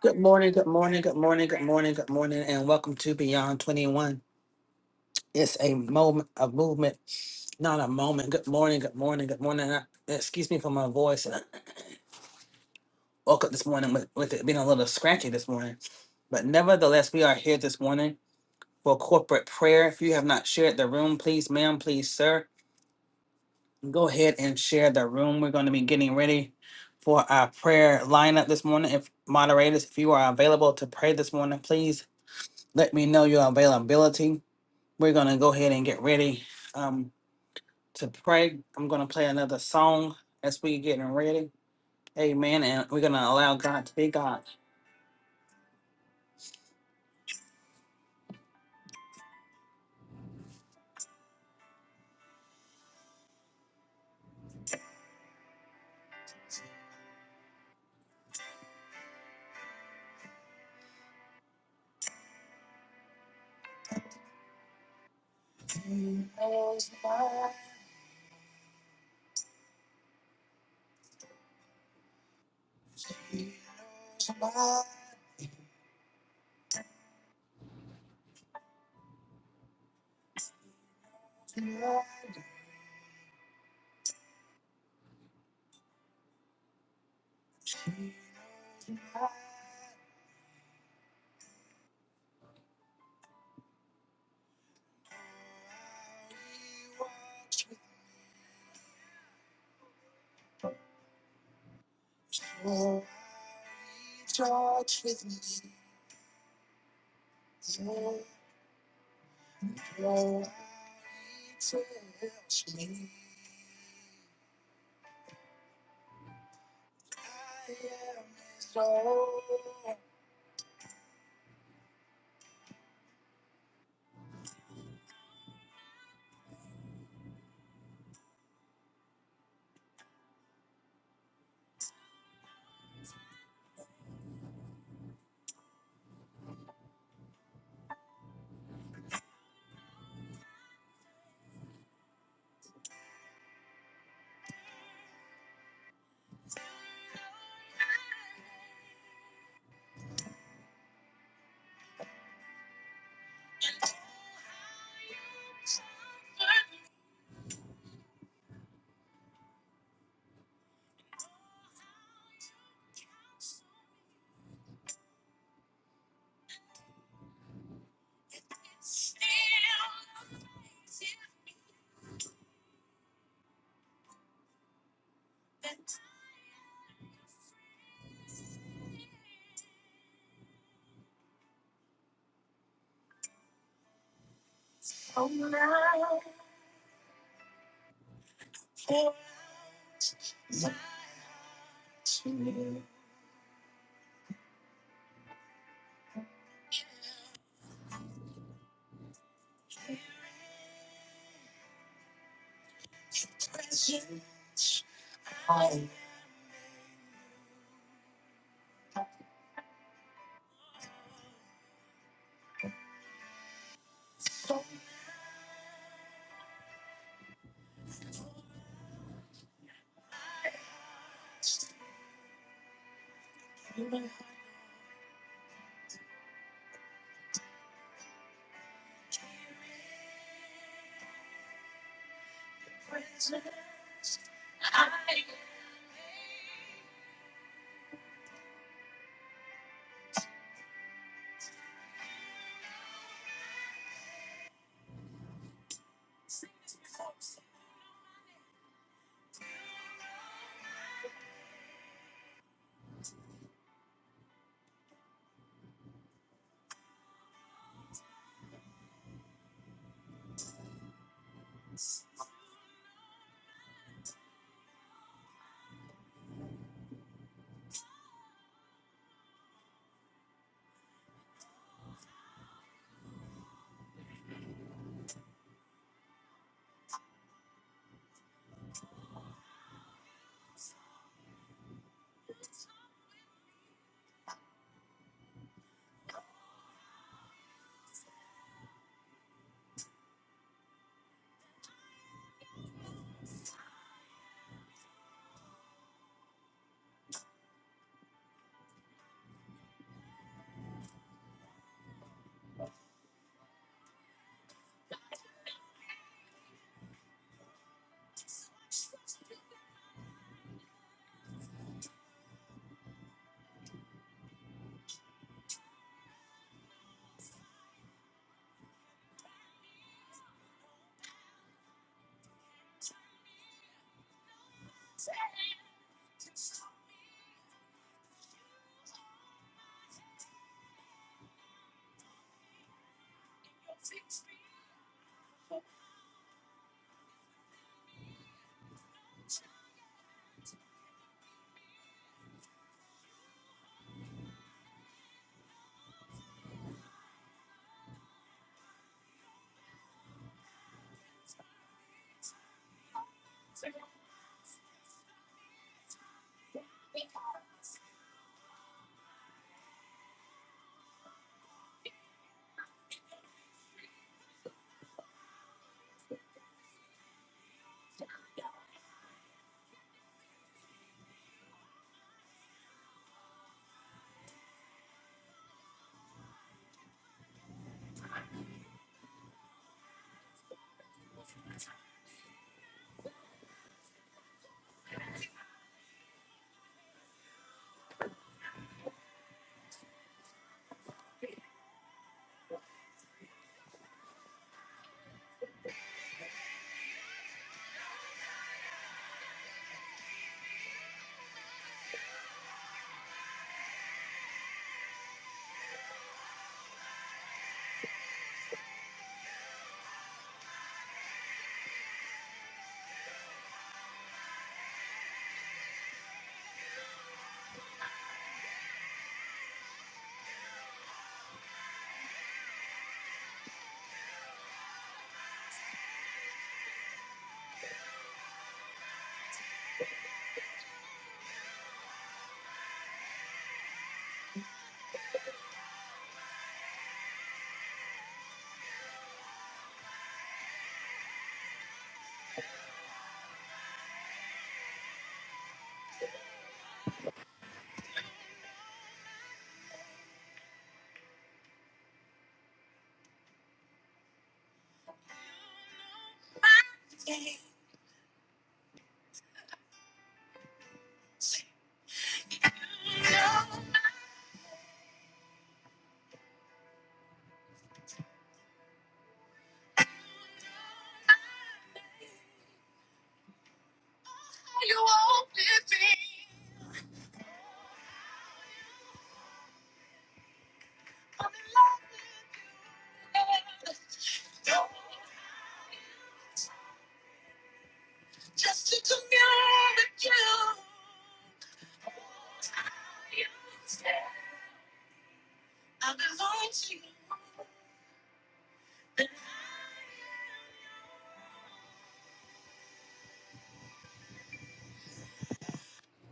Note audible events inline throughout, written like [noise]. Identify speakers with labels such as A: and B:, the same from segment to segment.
A: Good morning, good morning, good morning, good morning, good morning, and welcome to Beyond 21. It's a moment, a movement, not a moment. Good morning, good morning, good morning. Uh, Excuse me for my voice. I woke up this morning with, with it being a little scratchy this morning. But nevertheless, we are here this morning for corporate prayer. If you have not shared the room, please, ma'am, please, sir, go ahead and share the room. We're going to be getting ready for our prayer lineup this morning. If moderators, if you are available to pray this morning, please let me know your availability. We're going to go ahead and get ready um, to pray. I'm going to play another song as we getting ready. Amen. And we're going to allow God to be God.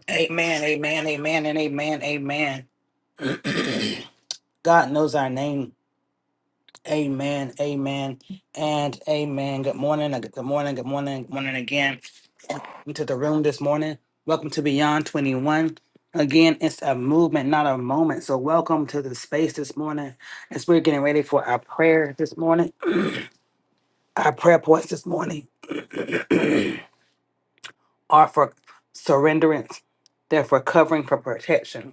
A: Amen. Amen. Amen. And amen. Amen. God knows our name. Amen, amen, and amen. Good morning, uh, good morning, good morning, good morning again. Welcome to the room this morning. Welcome to Beyond 21. Again, it's a movement, not a moment. So, welcome to the space this morning as we're getting ready for our prayer this morning. Our prayer points this morning are for surrenderance, they're for covering, for protection.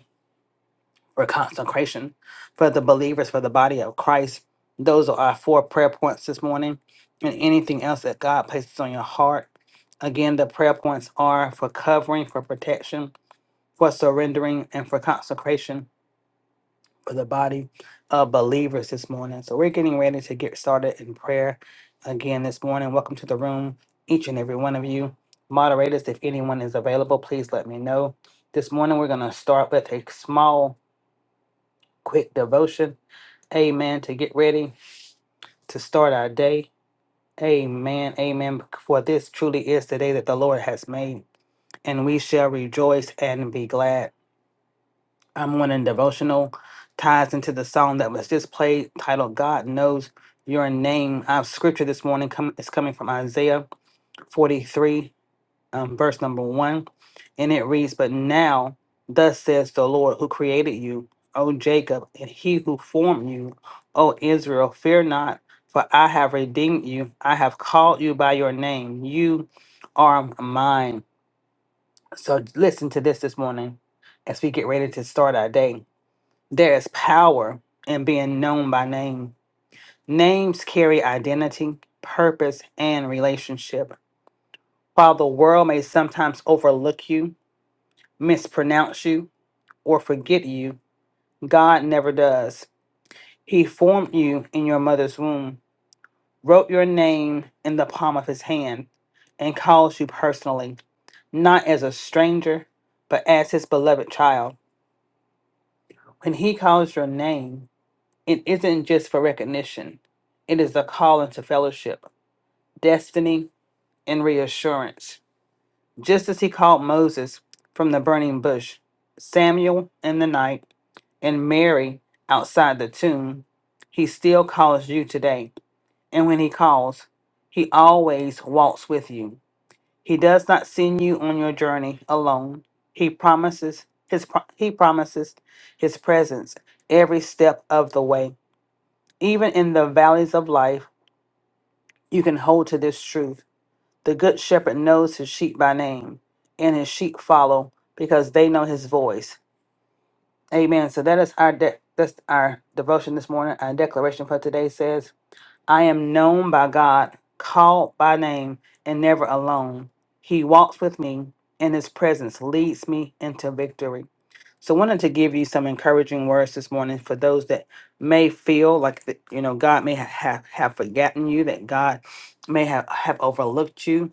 A: for consecration for the believers, for the body of Christ. Those are our four prayer points this morning, and anything else that God places on your heart. Again, the prayer points are for covering, for protection, for surrendering, and for consecration for the body of believers this morning. So, we're getting ready to get started in prayer again this morning. Welcome to the room, each and every one of you. Moderators, if anyone is available, please let me know. This morning, we're going to start with a small, quick devotion Amen. To get ready to start our day. Amen. Amen. For this truly is the day that the Lord has made, and we shall rejoice and be glad. I'm one in devotional ties into the song that was just played titled God Knows Your Name. Our scripture this morning come, is coming from Isaiah forty-three. um, verse number one, and it reads, But now, thus says the Lord who created you, O Jacob, and he who formed you, O Israel, fear not, for I have redeemed you. I have called you by your name. You are mine. So listen to this this morning as we get ready to start our day. There is power in being known by name. Names carry identity, purpose, and relationship. While the world may sometimes overlook you, mispronounce you, or forget you. God never does. He formed you in your mother's womb, wrote your name in the palm of his hand, and calls you personally, not as a stranger, but as his beloved child. When he calls your name, it isn't just for recognition, it is a call into fellowship, destiny, and reassurance. just as he called Moses from the burning bush, Samuel in the night, and Mary outside the tomb, he still calls you today. And when he calls, he always walks with you. He does not send you on your journey alone. He promises his pro- he promises his presence every step of the way. Even in the valleys of life, you can hold to this truth. The good shepherd knows his sheep by name, and his sheep follow because they know his voice. Amen. So that is our de- that's our devotion this morning. Our declaration for today says, "I am known by God, called by name, and never alone. He walks with me, and his presence leads me into victory." So, I wanted to give you some encouraging words this morning for those that may feel like that, you know God may ha- have have forgotten you, that God may have have overlooked you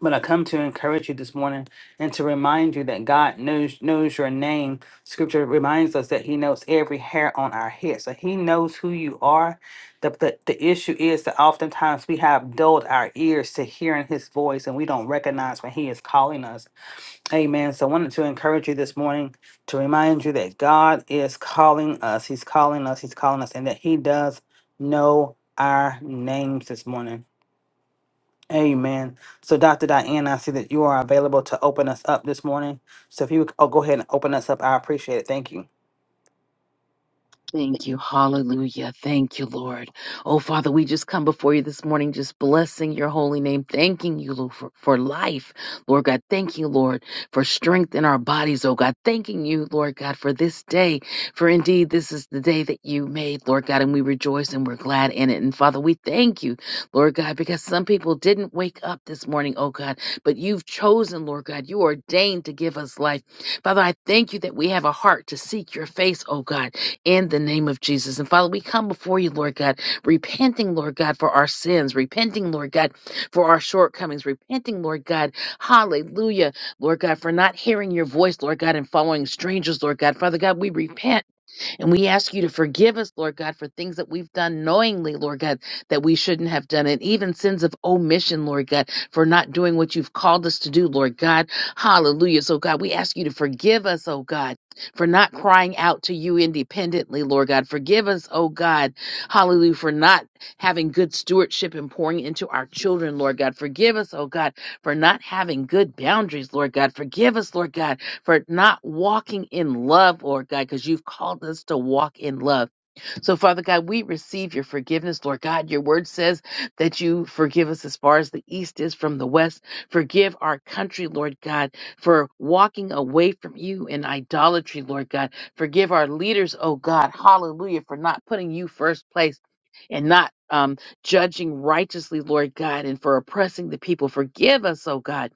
A: but I come to encourage you this morning and to remind you that God knows knows your name. Scripture reminds us that He knows every hair on our head. So He knows who you are. The, the, the issue is that oftentimes we have dulled our ears to hearing His voice and we don't recognize when He is calling us. Amen. So I wanted to encourage you this morning to remind you that God is calling us. He's calling us. He's calling us, and that He does know our names this morning. Amen. So, Dr. Diane, I see that you are available to open us up this morning. So, if you would oh, go ahead and open us up, I appreciate it. Thank you.
B: Thank you. Hallelujah. Thank you, Lord. Oh, Father, we just come before you this morning, just blessing your holy name, thanking you, Lord, for, for life. Lord God, thank you, Lord, for strength in our bodies, oh God. Thanking you, Lord God, for this day. For indeed, this is the day that you made, Lord God, and we rejoice and we're glad in it. And Father, we thank you, Lord God, because some people didn't wake up this morning, oh God, but you've chosen, Lord God, you ordained to give us life. Father, I thank you that we have a heart to seek your face, oh God in the name of Jesus. And Father, we come before you, Lord God, repenting, Lord God, for our sins, repenting, Lord God, for our shortcomings, repenting, Lord God, hallelujah, Lord God, for not hearing your voice, Lord God, and following strangers, Lord God. Father God, we repent. And we ask you to forgive us, Lord God, for things that we've done knowingly, Lord God, that we shouldn't have done, and even sins of omission, Lord God, for not doing what you've called us to do, Lord God. Hallelujah. So, God, we ask you to forgive us, oh God, for not crying out to you independently, Lord God. Forgive us, oh God, hallelujah, for not having good stewardship and pouring into our children, Lord God. Forgive us, oh God, for not having good boundaries, Lord God. Forgive us, Lord God, for not walking in love, Lord God, because you've called us to walk in love. So, Father God, we receive your forgiveness, Lord God. Your word says that you forgive us as far as the east is from the west. Forgive our country, Lord God, for walking away from you in idolatry, Lord God. Forgive our leaders, oh God, hallelujah, for not putting you first place and not um, judging righteously, Lord God, and for oppressing the people. Forgive us, oh God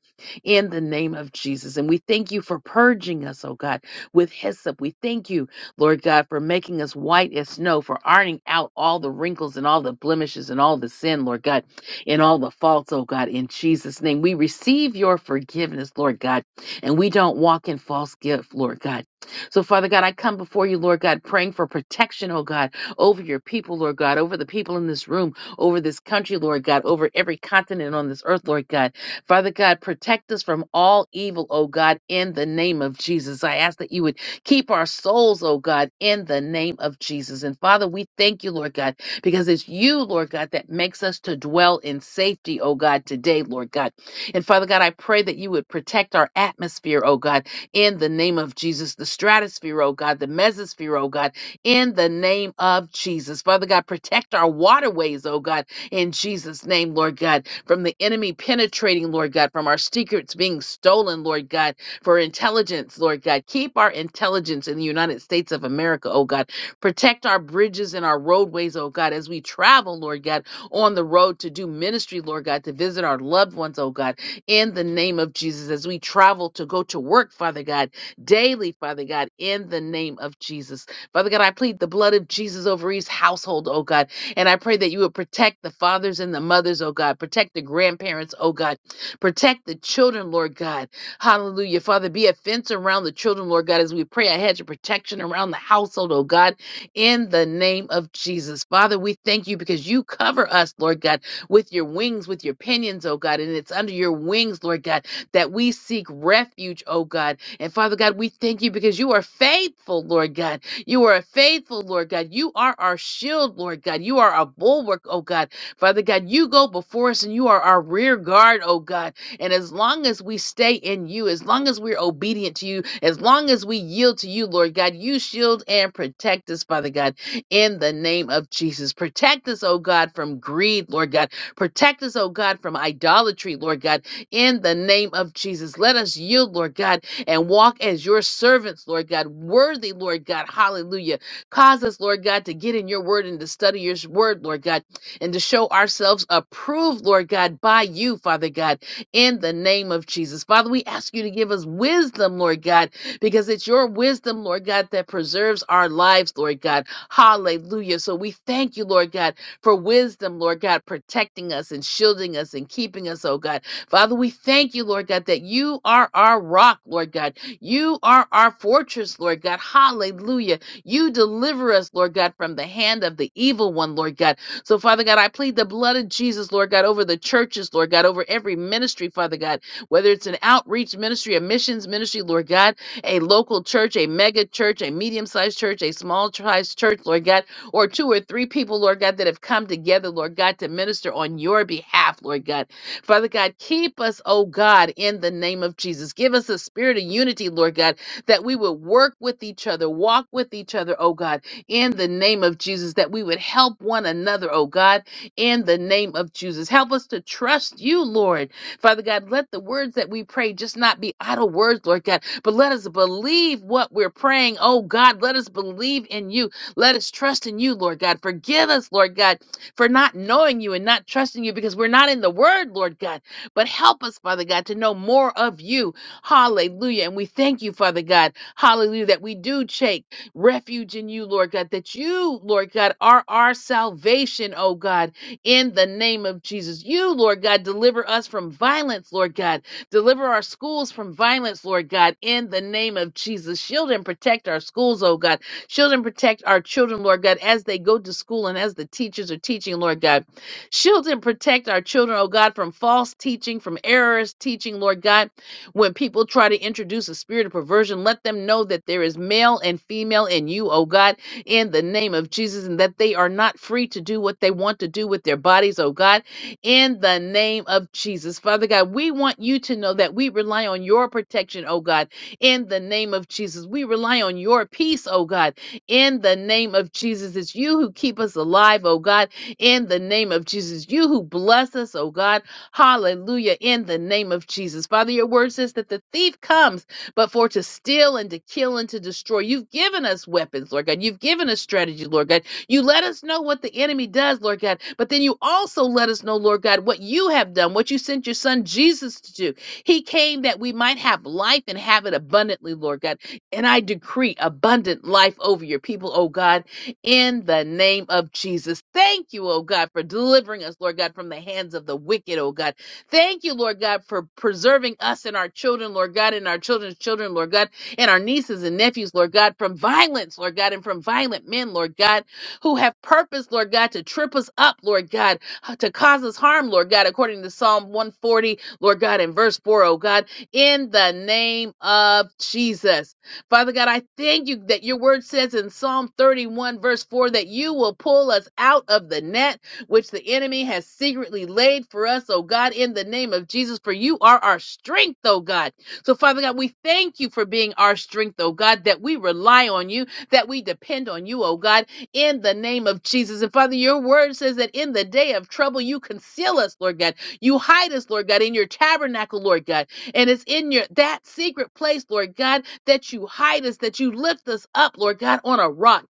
B: in the name of Jesus. And we thank you for purging us, oh God, with hyssop. We thank you, Lord God, for making us white as snow, for ironing out all the wrinkles and all the blemishes and all the sin, Lord God, and all the faults, oh God, in Jesus' name. We receive your forgiveness, Lord God, and we don't walk in false guilt, Lord God. So, Father God, I come before you, Lord God, praying for protection, oh God, over your people, Lord God, over the people in this room, over this country, Lord God, over every continent on this earth, Lord God. Father God, protect us from all evil, oh God, in the name of Jesus. I ask that you would keep our souls, oh God, in the name of Jesus. And Father, we thank you, Lord God, because it's you, Lord God, that makes us to dwell in safety, oh God, today, Lord God. And Father God, I pray that you would protect our atmosphere, oh God, in the name of Jesus, the stratosphere, oh God, the mesosphere, oh God, in the name of Jesus. Father God, protect our waterways, oh God in Jesus' name, Lord God, from the enemy penetrating, Lord God, from our secrets being stolen, Lord God, for intelligence, Lord God. Keep our intelligence in the United States of America, oh God. Protect our bridges and our roadways, oh God, as we travel, Lord God, on the road to do ministry, Lord God, to visit our loved ones, oh God, in the name of Jesus, as we travel to go to work, Father God, daily, Father God, in the name of Jesus. Father God, I plead the blood of Jesus over each household, oh God and I pray that you would protect the fathers and the mothers, oh God. Protect the grandparents, oh God. Protect the children, Lord God. Hallelujah. Father, be a fence around the children, Lord God, as we pray a hedge of protection around the household, oh God, in the name of Jesus. Father, we thank you because you cover us, Lord God, with your wings, with your pinions, oh God. And it's under your wings, Lord God, that we seek refuge, oh God. And Father God, we thank you because you are faithful, Lord God. You are faithful, Lord God. You are our shield, Lord God. You are our bulwark, oh God. Father God, you go before us and you are our rear guard, oh God. And as long as we stay in you, as long as we're obedient to you, as long as we yield to you, Lord God, you shield and protect us, Father God, in the name of Jesus. Protect us, oh God, from greed, Lord God. Protect us, oh God, from idolatry, Lord God, in the name of Jesus. Let us yield, Lord God, and walk as your servants, Lord God, worthy, Lord God. Hallelujah. Cause us, Lord God, to get in your word and to study your word, Lord God, and to show ourselves approved, Lord God, by you, Father God, in the name of Jesus. Father, we ask you to give us wisdom, Lord God, because it's your wisdom, Lord God, that preserves our lives, Lord God. Hallelujah. So we thank you, Lord God, for wisdom, Lord God, protecting us and shielding us and keeping us, oh God. Father, we thank you, Lord God, that you are our rock, Lord God. You are our fortress, Lord God. Hallelujah. You deliver us, Lord God, from the hand of the evil one, Lord God. So, Father God, I plead the blood of Jesus, Lord God, over the churches, Lord God, over every ministry, Father God, whether it's an outreach ministry, a missions ministry, Lord God, a local church, a mega church, a medium sized church, a small sized church, Lord God, or two or three people, Lord God, that have come together, Lord God, to minister on your behalf, Lord God. Father God, keep us, oh God, in the name of Jesus. Give us a spirit of unity, Lord God, that we would work with each other, walk with each other, oh God, in the name of Jesus, that we would help one another, oh God, in the name of Jesus. Help us to trust you, Lord. Father God, let the words that we pray just not be idle words, Lord God, but let us believe what we're praying, oh God. Let us believe in you. Let us trust in you, Lord God. Forgive us, Lord God for not knowing you and not trusting you because we're not in the word, Lord God. But help us, Father God, to know more of you. Hallelujah. And we thank you, Father God. Hallelujah. That we do take refuge in you, Lord God. That you, Lord God, are our salvation, oh God, in the name of Jesus. You, Lord God, deliver us from violence, Lord God. Deliver our schools from violence, Lord God, in the name of Jesus. Shield and protect our schools, oh God. Shield and protect our children, Lord God, as they go to school and as the teachers are teaching, Lord God. Shield and protect our children, oh God, from false teaching, from errors teaching, Lord God. When people try to introduce a spirit of perversion, let them know that there is male and female in you, oh God, in the name of Jesus, and that they are not free to do what they want to do with their bodies, oh God, in the name of Jesus. Father God, we want you to know that we rely on your protection, oh God, in the name of Jesus. We rely on your peace, oh God in the name of Jesus. It's you who keep us alive, oh God, in the name of Jesus. You who bless us, oh God. Hallelujah, in the name of Jesus. Father, your word says that the thief comes, but for to steal and to kill and to destroy. You've given us weapons, Lord God. You've given us strategy, Lord God. You let us know what the enemy does, Lord God, but then you also let us know, Lord God, what you have done, what you sent your son Jesus to do. He came that we might have life and have it abundantly, Lord God. And I decree abundant life over your people, oh God, in the name of Jesus. Thank you, oh God, for delivering us, Lord God, from the hands of the wicked, oh God. Thank you, Lord God, for preserving us and our children, Lord God, and our children's children, Lord God, and our nieces and nephews, Lord God, from violence, Lord God, and from violent men, Lord God, who have purpose, Lord God, to trip us up, Lord God, to cause us harm, Lord God, according to Psalm 140, Lord God, in verse 4, O God, in the name of Jesus. Father God, I thank you that your word says in Psalm 31, verse 4, that you will pull us out of the net which the enemy has secretly laid for us, oh God, in the name of Jesus, for you are our strength, oh God. So, Father God, we thank you for being our strength, oh God, that we rely on you, that we depend on you, oh God, in the name of Jesus. And Father, your word says that in the day of trouble, you conceal us, Lord God. You hide us, Lord God, in your tabernacle, Lord God. And it's in your that secret place, Lord God, that you hide us, that you lift us up, Lord God, on a rock.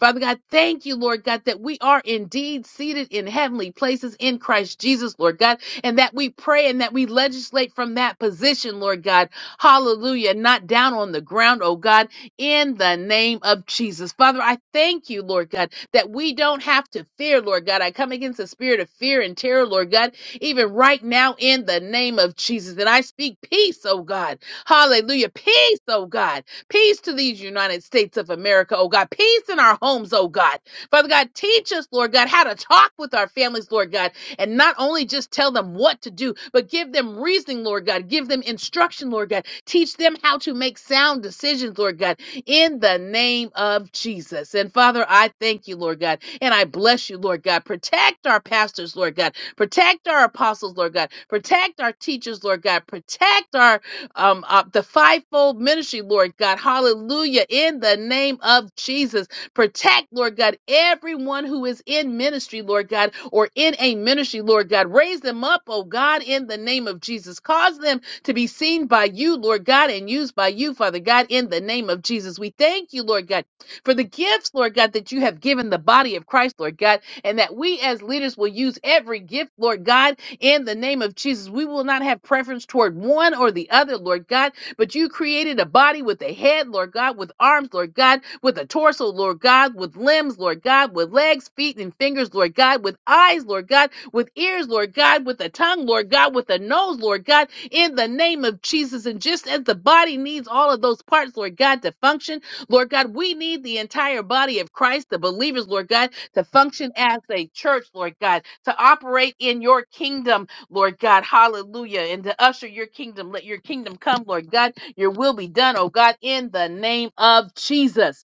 B: Father God, thank you, Lord God, that we are indeed seated in heavenly places in Christ Jesus, Lord God, and that we pray and that we legislate from that position, Lord God. Hallelujah. Not down on the ground, oh God, in the name of Jesus. Father, I thank you, Lord God, that we don't have to fear, Lord God. I come against the spirit of fear and terror, Lord God, even right now in the name of Jesus. And I speak peace, oh God. Hallelujah. Peace, oh God. Peace to these United States of America, oh God. Peace in our homes, oh God. Father God, teach us, Lord God, how to talk with our families, Lord God, and not only just tell them what to do, but give them reasoning, Lord God. Give them instruction, Lord God. Teach them how to make sound decisions, Lord God, in the name of Jesus. And Father, I thank you, Lord God, and I bless you, Lord God. Protect our pastors, Lord God. Protect our apostles, Lord God. Protect our teachers, Lord God. Protect our um, uh, the fivefold ministry, Lord God. Hallelujah. In the name of Jesus, protect, Lord God, everyone who is in ministry, Lord God, or in a ministry, Lord God. Raise them up, oh God, in the name of Jesus. Cause them to be seen by you, Lord God, and used by you, Father God, in the name of Jesus. We thank you, Lord God, for the gifts, Lord God, that you have given the body of Christ, Lord God, and that we as leaders will use every gift, Lord God in the name of Jesus. We will not have preference toward one or the other, Lord God, but you created a body with a head, Lord God, with arms, Lord God, with a torso, Lord God, with limbs, Lord God, with legs, feet, and fingers, Lord God, with eyes, Lord God, with ears, Lord God, with a tongue, Lord God, with a nose, Lord God, in the name of Jesus. And just as the body needs all of those parts, Lord God, to function, Lord God, we need the entire body of Christ, the believers, Lord God, to function as a church, Lord God, to operate in your kingdom, Lord God. Hallelujah. And to usher your kingdom. Let your kingdom come, Lord God. Your will be done, oh God, in the name of Jesus.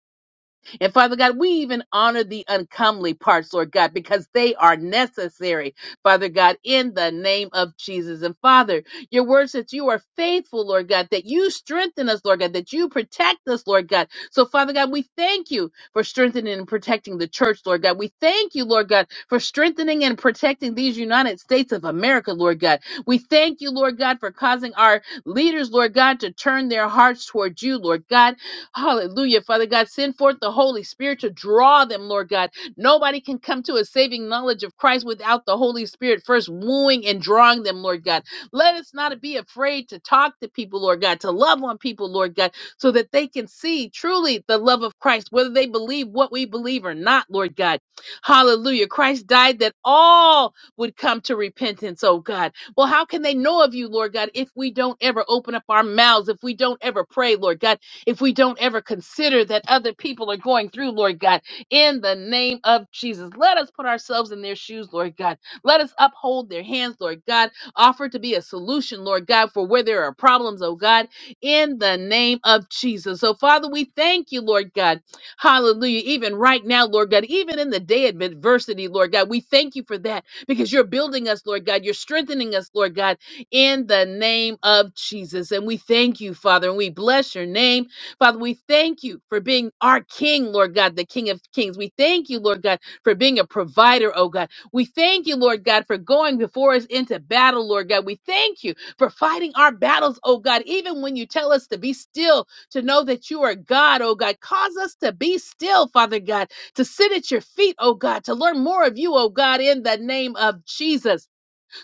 B: And Father God, we even honor the uncomely parts, Lord God, because they are necessary, Father God, in the name of Jesus. And Father, your words that you are faithful, Lord God, that you strengthen us, Lord God, that you protect us, Lord God. So, Father God, we thank you for strengthening and protecting the church, Lord God. We thank you, Lord God, for strengthening and protecting these United States of America, Lord God. We thank you, Lord God, for causing our leaders, Lord God, to turn their hearts toward you, Lord God Hallelujah, Father God. Send forth the Holy Spirit to draw them, Lord God. Nobody can come to a saving knowledge of Christ without the Holy Spirit first wooing and drawing them, Lord God. Let us not be afraid to talk to people, Lord God, to love on people, Lord God, so that they can see truly the love of Christ, whether they believe what we believe or not, Lord God. Hallelujah. Christ died that all would come to repentance, oh God. Well, how can they know of you, Lord God, if we don't ever open up our mouths, if we don't ever pray, Lord God? if we don't ever consider that other people are going through, Lord God, in the name of Jesus. Let us put ourselves in their shoes, Lord God. Let us uphold their hands, Lord God. Offer to be a solution, Lord God, for where there are problems, oh God, in the name of Jesus. So, Father, we thank you, Lord God. Hallelujah. Even right now, Lord God, even in the day of adversity, Lord God, we thank you for that because you're building us, Lord God. You're strengthening us, Lord God, in the name of Jesus. And we thank you, Father, and we bless your name. Father, we thank you for being our King, Lord God, the King of Kings. We thank you, Lord God, for being a provider, oh God. We thank you, Lord God, for going before us into battle, Lord God. We thank you for fighting our battles, oh God, even when you tell us to be still, to know that you are God, oh God. Cause us to be still, Father God, to sit at your feet, oh God, to learn more of you, oh God, in the name of Jesus.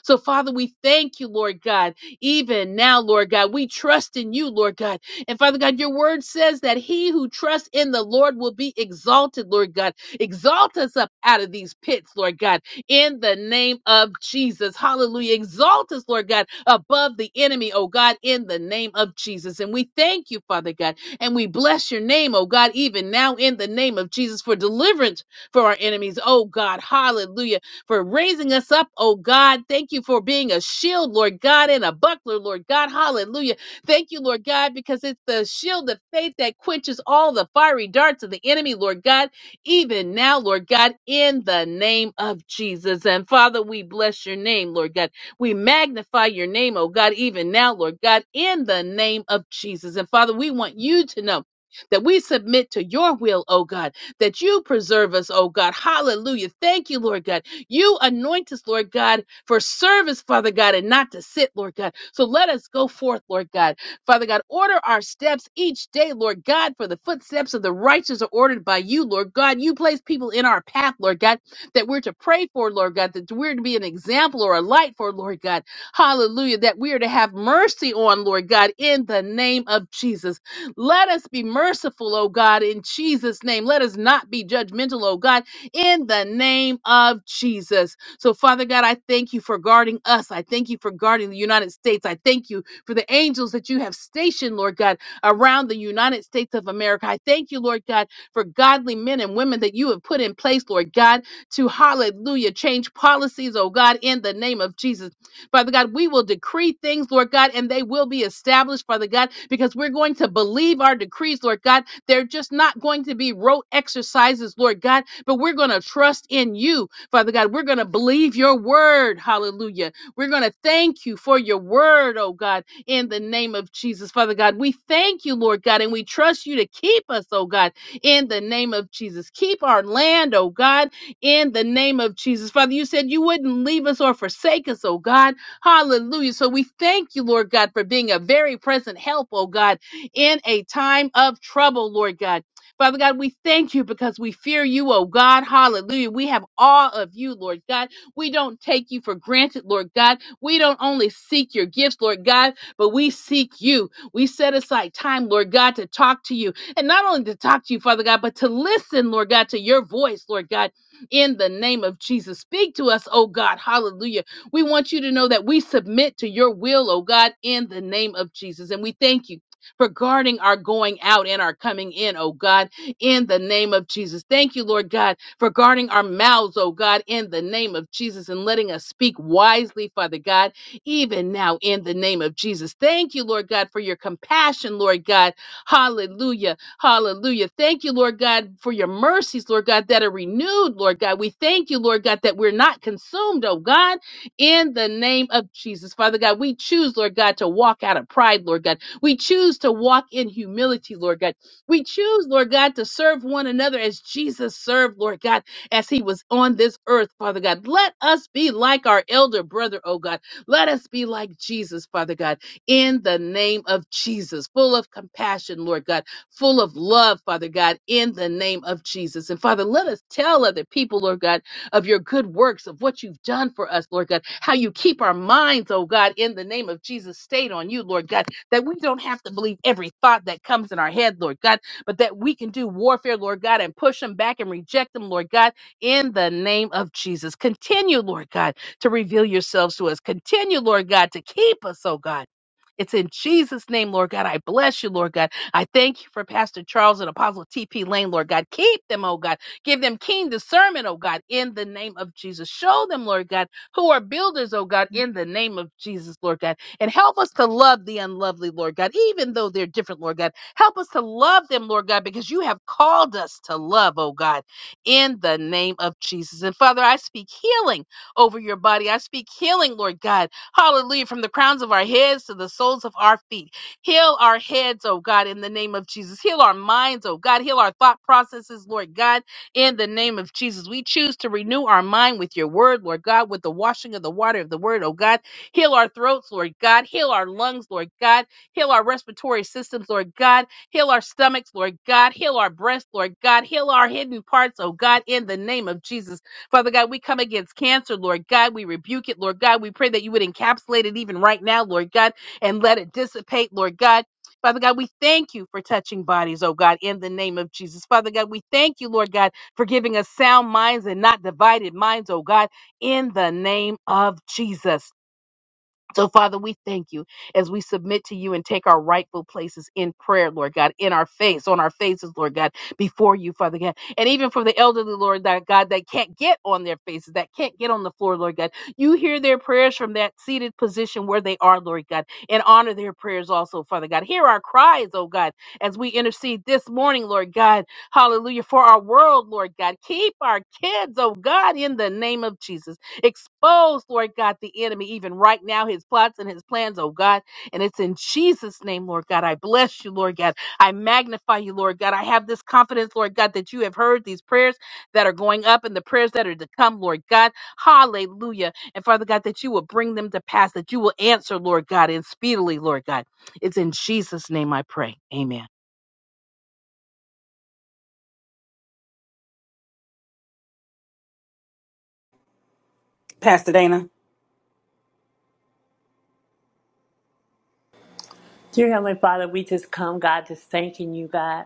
B: So, Father, we thank you, Lord God, even now, Lord God. We trust in you, Lord God. And Father God, your word says that he who trusts in the Lord will be exalted, Lord God. Exalt us up out of these pits, Lord God, in the name of Jesus. Hallelujah. Exalt us, Lord God, above the enemy, oh God, in the name of Jesus. And we thank you, Father God, and we bless your name, oh God, even now in the name of Jesus for deliverance for our enemies, oh God. Hallelujah for raising us up, oh God. Thank you for being a shield, Lord God, and a buckler, Lord God. Hallelujah. Thank you, Lord God, because it's the shield of faith that quenches all the fiery darts of the enemy, Lord God, even now, Lord God, in the name of Jesus. And Father, we bless your name, Lord God. We magnify your name, oh God, even now, Lord God, in the name of Jesus. And Father, we want you to know. That we submit to your will, oh God, that you preserve us, oh God. Hallelujah. Thank you, Lord God you anoint us, Lord God, for service, Father God, and not to sit, Lord God. So let us go forth, Lord God. Father God, order our steps each day, Lord God, for the footsteps of the righteous are ordered by you, Lord God. You place people in our path, Lord God, that we're to pray for, Lord God, that we're to be an example or a light for, Lord God. Hallelujah. That we are to have mercy on, Lord God, in the name of Jesus. Let us be merciful, oh God, in Jesus' name. Let us not be judgmental, oh God, in the name of Jesus. So, Father God, I thank you for guarding us. I thank you for guarding the United States. I thank you for the angels that you have stationed, Lord God, around the United States of America. I thank you, Lord God, for godly men and women that you have put in place, Lord God, to hallelujah, change policies, oh God, in the name of Jesus. Father God, we will decree things, Lord God, and they will be established, Father God, because we're going to believe our decrees, Lord God, they're just not going to be rote exercises, Lord God, but we're going to trust in you, Father God. We're going to believe your word. Hallelujah. We're going to thank you for your word, oh God, in the name of Jesus, Father God. We thank you, Lord God, and we trust you to keep us, oh God, in the name of Jesus. Keep our land, oh God, in the name of Jesus. Father, you said you wouldn't leave us or forsake us, oh God. Hallelujah. So we thank you, Lord God, for being a very present help, oh God in a time of trouble, Lord God. Father God, we thank you because we fear you, oh God. Hallelujah. We have awe of you, Lord God. We don't take you for granted, Lord God. We don't only seek your gifts, Lord God, but we seek you. We set aside time, Lord God, to talk to you. And not only to talk to you, Father God, but to listen, Lord God, to your voice, Lord God, in the name of Jesus. Speak to us, oh God. Hallelujah. We want you to know that we submit to your will, oh God, in the name of Jesus. And we thank you for guarding our going out and our coming in, oh God, in the name of Jesus. Thank you, Lord God, for guarding our mouths, oh God, in the name of Jesus, and letting us speak wisely, Father God, even now in the name of Jesus. Thank you, Lord God, for your compassion, Lord God. Hallelujah. Hallelujah. Thank you, Lord God, for your mercies, Lord God, that are renewed, Lord God. We thank you, Lord God, that we're not consumed, oh God, in the name of Jesus. Father God, we choose, Lord God, to walk out of pride, Lord God. We choose to walk in humility, Lord God. We choose, Lord God, to serve one another as Jesus served, Lord God, as he was on this earth, Father God. Let us be like our elder brother, oh God. Let us be like Jesus, Father God, in the name of Jesus, full of compassion, Lord God, full of love, Father God, in the name of Jesus. And Father, let us tell other people, Lord God, of your good works, of what you've done for us, Lord God, how you keep our minds, oh God, in the name of Jesus, stayed on you, Lord God that we don't have to believe every thought that comes in our head, Lord God, but that we can do warfare, Lord God, and push them back and reject them, Lord God, in the name of Jesus. Continue, Lord God, to reveal yourselves to us. Continue, Lord God, to keep us, oh God. It's in Jesus' name, Lord God. I bless you, Lord God. I thank you for Pastor Charles and Apostle T.P. Lane, Lord God. Keep them, oh God. Give them keen discernment, oh God, in the name of Jesus. Show them, Lord God, who are builders, oh God, in the name of Jesus, Lord God and help us to love the unlovely, Lord God, even though they're different, Lord God. Help us to love them, Lord God, because you have called us to love, oh God, in the name of Jesus. And Father, I speak healing over your body. I speak healing, Lord God. Hallelujah. From the crowns of our heads to the soles of our feet. Heal our heads, oh God, in the name of Jesus. Heal our minds, oh God. Heal our thought processes, Lord God, in the name of Jesus. We choose to renew our mind with your word, Lord God, with the washing of the water of the word, oh God. Heal our throats, Lord God. Heal our lungs, Lord God. Heal our respiratory systems, Lord God. Heal our stomachs, Lord God. Heal our breasts, Lord God. Heal our hidden parts, oh God, in the name of Jesus. Father God, we come against cancer, Lord God. We rebuke it, Lord God. We pray that you would encapsulate it even right now, Lord God, and let it dissipate, Lord God. Father God, we thank you for touching bodies, oh God, in the name of Jesus. Father God, we thank you, Lord God, for giving us sound minds and not divided minds, oh God, in the name of Jesus. So, Father, we thank you as we submit to you and take our rightful places in prayer, Lord God, in our face, on our faces, Lord God, before you, Father God. And even for the elderly, Lord that God, that can't get on their faces, that can't get on the floor, Lord God. You hear their prayers from that seated position where they are, Lord God, and honor their prayers also, Father God. Hear our cries, oh God, as we intercede this morning, Lord God. Hallelujah. For our world, Lord God. Keep our kids, oh God, in the name of Jesus. Expose, Lord God, the enemy, even right now, his plots and his plans, oh God. And it's in Jesus' name, Lord God. I bless you, Lord God. I magnify you, Lord God. I have this confidence, Lord God, that you have heard these prayers that are going up and the prayers that are to come, Lord God. Hallelujah. And Father God, that you will bring them to pass, that you will answer, Lord God, and speedily, Lord God. It's in Jesus' name I pray. Amen.
A: Pastor Dana.
C: Dear Heavenly Father, we just come, God, just thanking you, God.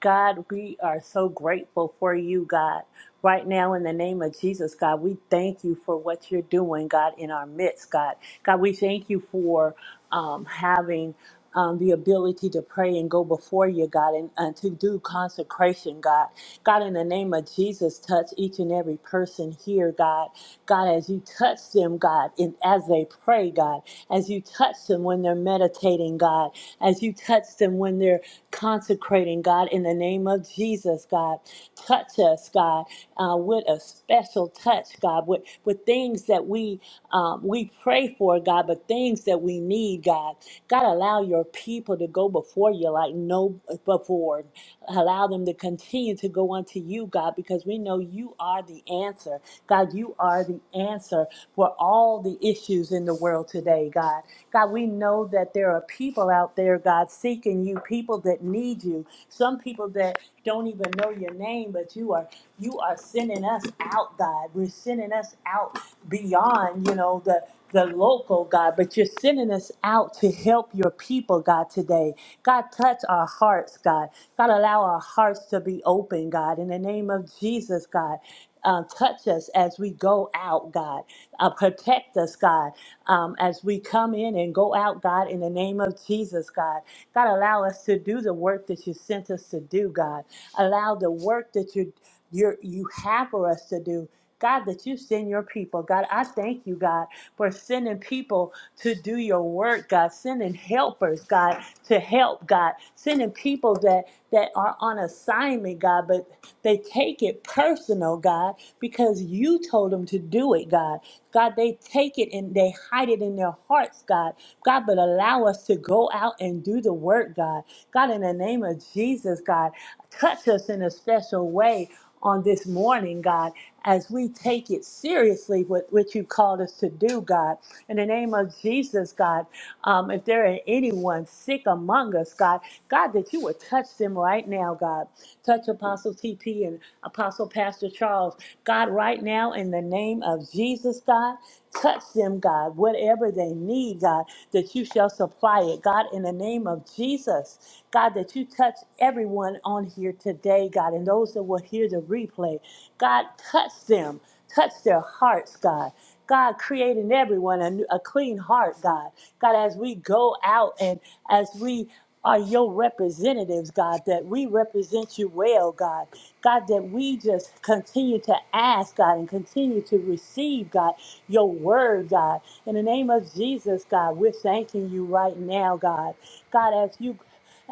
C: God, we are so grateful for you, God. Right now, in the name of Jesus, God, we thank you for what you're doing, God, in our midst, God. God, we thank you for um, having um, the ability to pray and go before you, God, and, and to do consecration, God. God, in the name of Jesus, touch each and every person here, God. God, as you touch them, God, and as they pray, pray, God, as you touch them when they're meditating, God, as you touch them when they're consecrating, God, in the name of Jesus, God. Touch us, God, uh, with a special touch, God, with, with things that we um, we pray for, God, but things that we need, God. God, allow your people to go before you like no before. Allow them to continue to go unto you, God, because we know you are the answer. God, you are are the answer for all the issues in the world today, God. God, we know that there are people out there, God, seeking you, people that need you, some people that don't even know your name, but you are you are sending us out, God. We're sending us out beyond, you know, the the local God, but you're sending us out to help your people, God, today. God, touch our hearts, God. God, allow our hearts to be open, God, in the name of Jesus, God. Uh, touch us as we go out, God. Uh, protect us, God, um, as we come in and go out, God, in the name of Jesus, God. God, allow us to do the work that you sent us to do, God. Allow the work that you you're, you have for us to do God, that you send your people. God, I thank you, God, for sending people to do your work, God, sending helpers, God, to help, God, sending people that, that are on assignment, God, but they take it personal, God, because you told them to do it, God. God, they take it and they hide it in their hearts, God. God, but allow us to go out and do the work, God. God, in the name of Jesus, God, touch us in a special way on this morning, God, as we take it seriously, what, what you called us to do, God. In the name of Jesus, God, um, if there are anyone sick among us, God, God, that you would touch them right now, God. Touch Apostle TP and Apostle Pastor Charles, God, right now, in the name of Jesus, God. Touch them, God, whatever whatever they need, God, that you shall supply it. God, in the name of Jesus, God, that you touch everyone on here today, God, and those that will hear the replay. God, touch them, touch their hearts, God. God, creating everyone a, new- a clean heart, God. God, as we go out and as we are your representatives, God, that we represent you well, God. God, that we just continue to ask, God, and continue to receive, God, your word, God. In the name of Jesus, God, we're thanking you right now, God. God, as you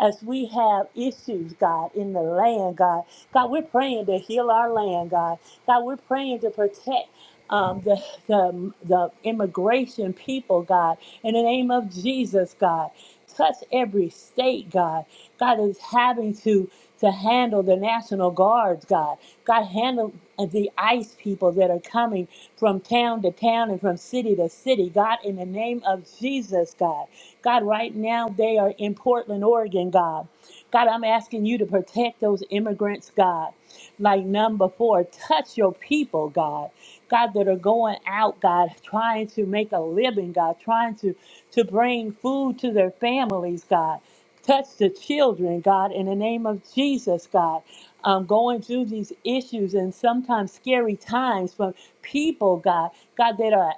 C: as we have issues, God, in the land, God. God, we're praying to heal our land, God. God, we're praying to protect um, the, the, the immigration people, God, in the name of Jesus, God. Touch every state, God. God is having to to handle the National Guards, God. God, handle the ICE people that are coming from town to town and from city to city. God, in the name of Jesus, God. God, right now they are in Portland, Oregon, God. God, I'm asking you to protect those immigrants, God. Like none before, touch your people, God. God, that are going out, God, trying to make a living, God, trying to, to bring food to their families, God. Touch the children, God, in the name of Jesus, God. Um, going through these issues and sometimes scary times from people, God, God, that are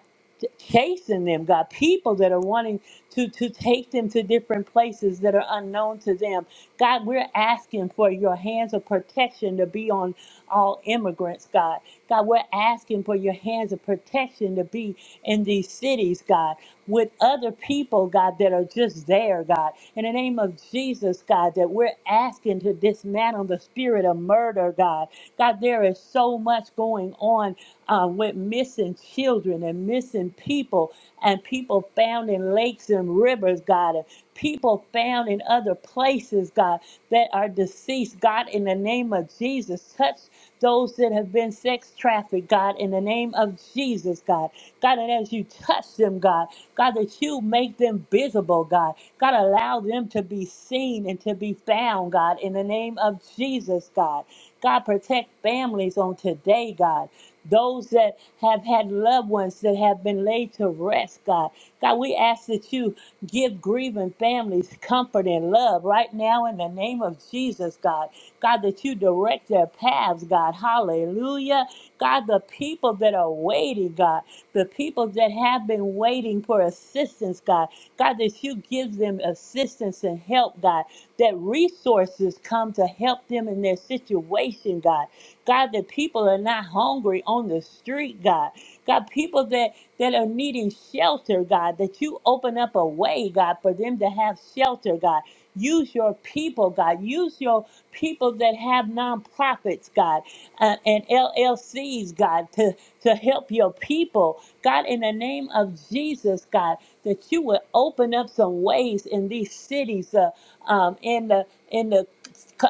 C: chasing them, God. People that are wanting to, to take them to different places that are unknown to them. God, we're asking for your hands of protection to be on all immigrants, God. God, we're asking for your hands of protection to be in these cities, God, with other people, God, that are just there, God. In the name of Jesus, God, that we're asking to dismantle the spirit of of murder, God. God, there is so much going on uh, with missing children and missing people and people found in lakes and rivers, God, and people found in other places, God, that are deceased. God, in the name of Jesus, touch those that have been sex trafficked, God, in the name of Jesus, God. God, that as you touch them, God, God, that you make them visible, God. God, allow them to be seen and to be found, God, in the name of Jesus, God. God, protect families on on today, God. Those that have had loved ones that have been laid to rest, God. God, we ask that you give grieving families comfort and love right now in the name of Jesus, God. God, that you direct their paths, God. Hallelujah. God, the people that are waiting, God, the people that have been waiting for assistance, God. God, that you give them assistance and help, God, that resources come to help them in their situation, God. God, that people are not hungry on the street, God. God, people that, that are needing shelter, God, that you open up a way, God, for them to have shelter, God. Use your people, God. Use your people that have nonprofits, God, uh, and LLCs, God, to, to help your people. God, in the name of Jesus, God, that you would open up some ways in these cities, uh, um, in the in the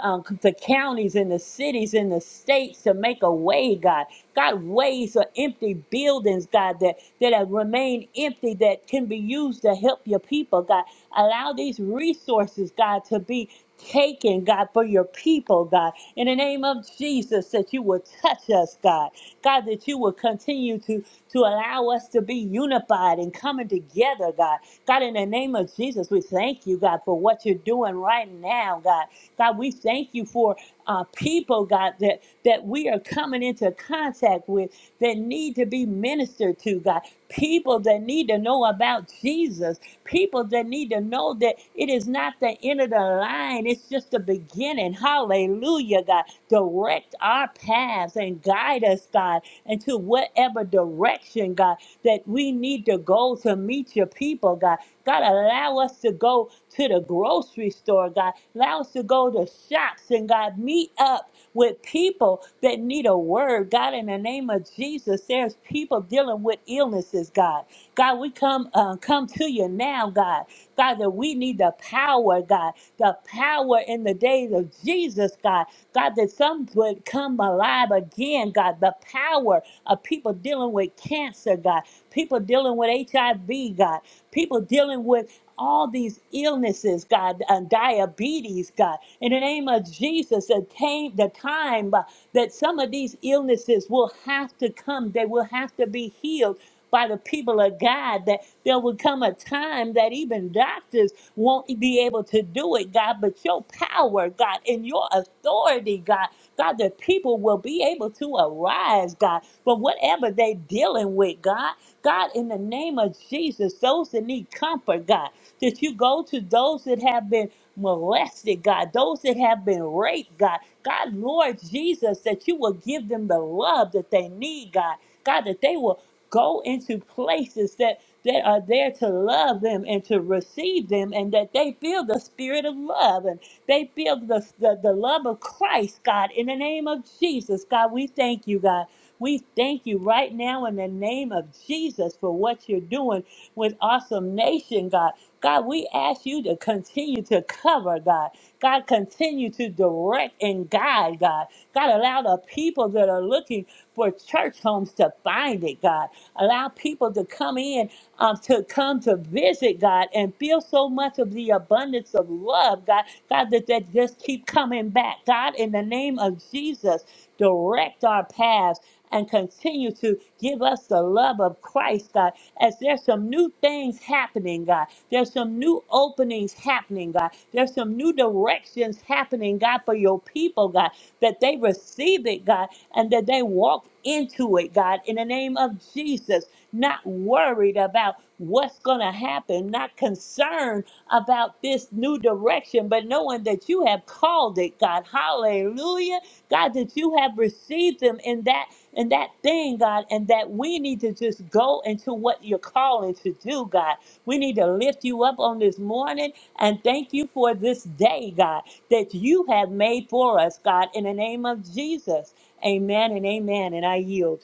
C: um, the counties and the cities and the states to make a way, God. God, ways are empty buildings, God, that, that have remained empty that can be used to help your people, God. Allow these resources, God, to be taken, God, for your people, God. In the name of Jesus, that you will touch us, God. God, that you will continue to, to allow us to be unified and coming together, God. God, in the name of of Jesus, we thank you, God, for what you're doing right now, God. God, we thank you for uh, people, God, that, that we are coming into contact with that need to be ministered to, God. People that need to know about Jesus. People that need to know that it is not the end of the line, it's just the beginning. Hallelujah, God. Direct our paths and guide us, God, into whatever direction, God that we need to go to meet your people, God. God, allow us to go to the grocery store, God. Allow us to go to shops and, God, meet up with people that need a word. God, in the name of Jesus, there's people dealing with illnesses, God. God, we come uh, come to you now, God. God, that we need the power, God, the power in the days of Jesus, God. God, that some would come alive again, God, the power of people dealing with cancer, God, people dealing with HIV, God, people dealing with all these illnesses, God, and diabetes, God, in the name of Jesus, that came the time. uh, that some of these illnesses will have to come, they will have to be healed by the people of God, that there will come a time that even doctors won't be able to do it, God, but your power, God, and your authority, God, God, the people will be able to arise, God, from whatever they're dealing with, God. God, in the name of Jesus, those that need comfort, God, that you go to those that have been molested, God, those that have been raped, God. God, Lord Jesus, that you will give them the love that they need, God. God, that they will go into places that that are there to love them and to receive them and that they feel the spirit of love and they feel the, the, the love of christ god in the name of jesus god we thank you god we thank you right now in the name of jesus for what you're doing with awesome nation god God, we ask you to continue to cover, God. God, continue to direct and guide, God. God, allow the people that are looking for church homes to find it, God. Allow people to come in, um, to come to visit, God, and feel so much of the abundance of love, God. God, that they just keep coming back. God, in the name of Jesus, direct our paths and continue to give us the love of Christ, God, as there's some new things happening, God. There's some new openings happening, God. There's some new directions happening, God, for your people, God, that they receive it, God, and that they walk into it, God, in the name of Jesus, not worried about what's going to happen, not concerned about this new direction, but knowing that you have called it, God. Hallelujah. God, that you have received them in that and that thing, God, and that we need to just go into what you're calling to do, God. We need to lift you up on this morning and thank you for this day, God, that you have made for us, God, in the name of Jesus. Amen and amen. And I yield.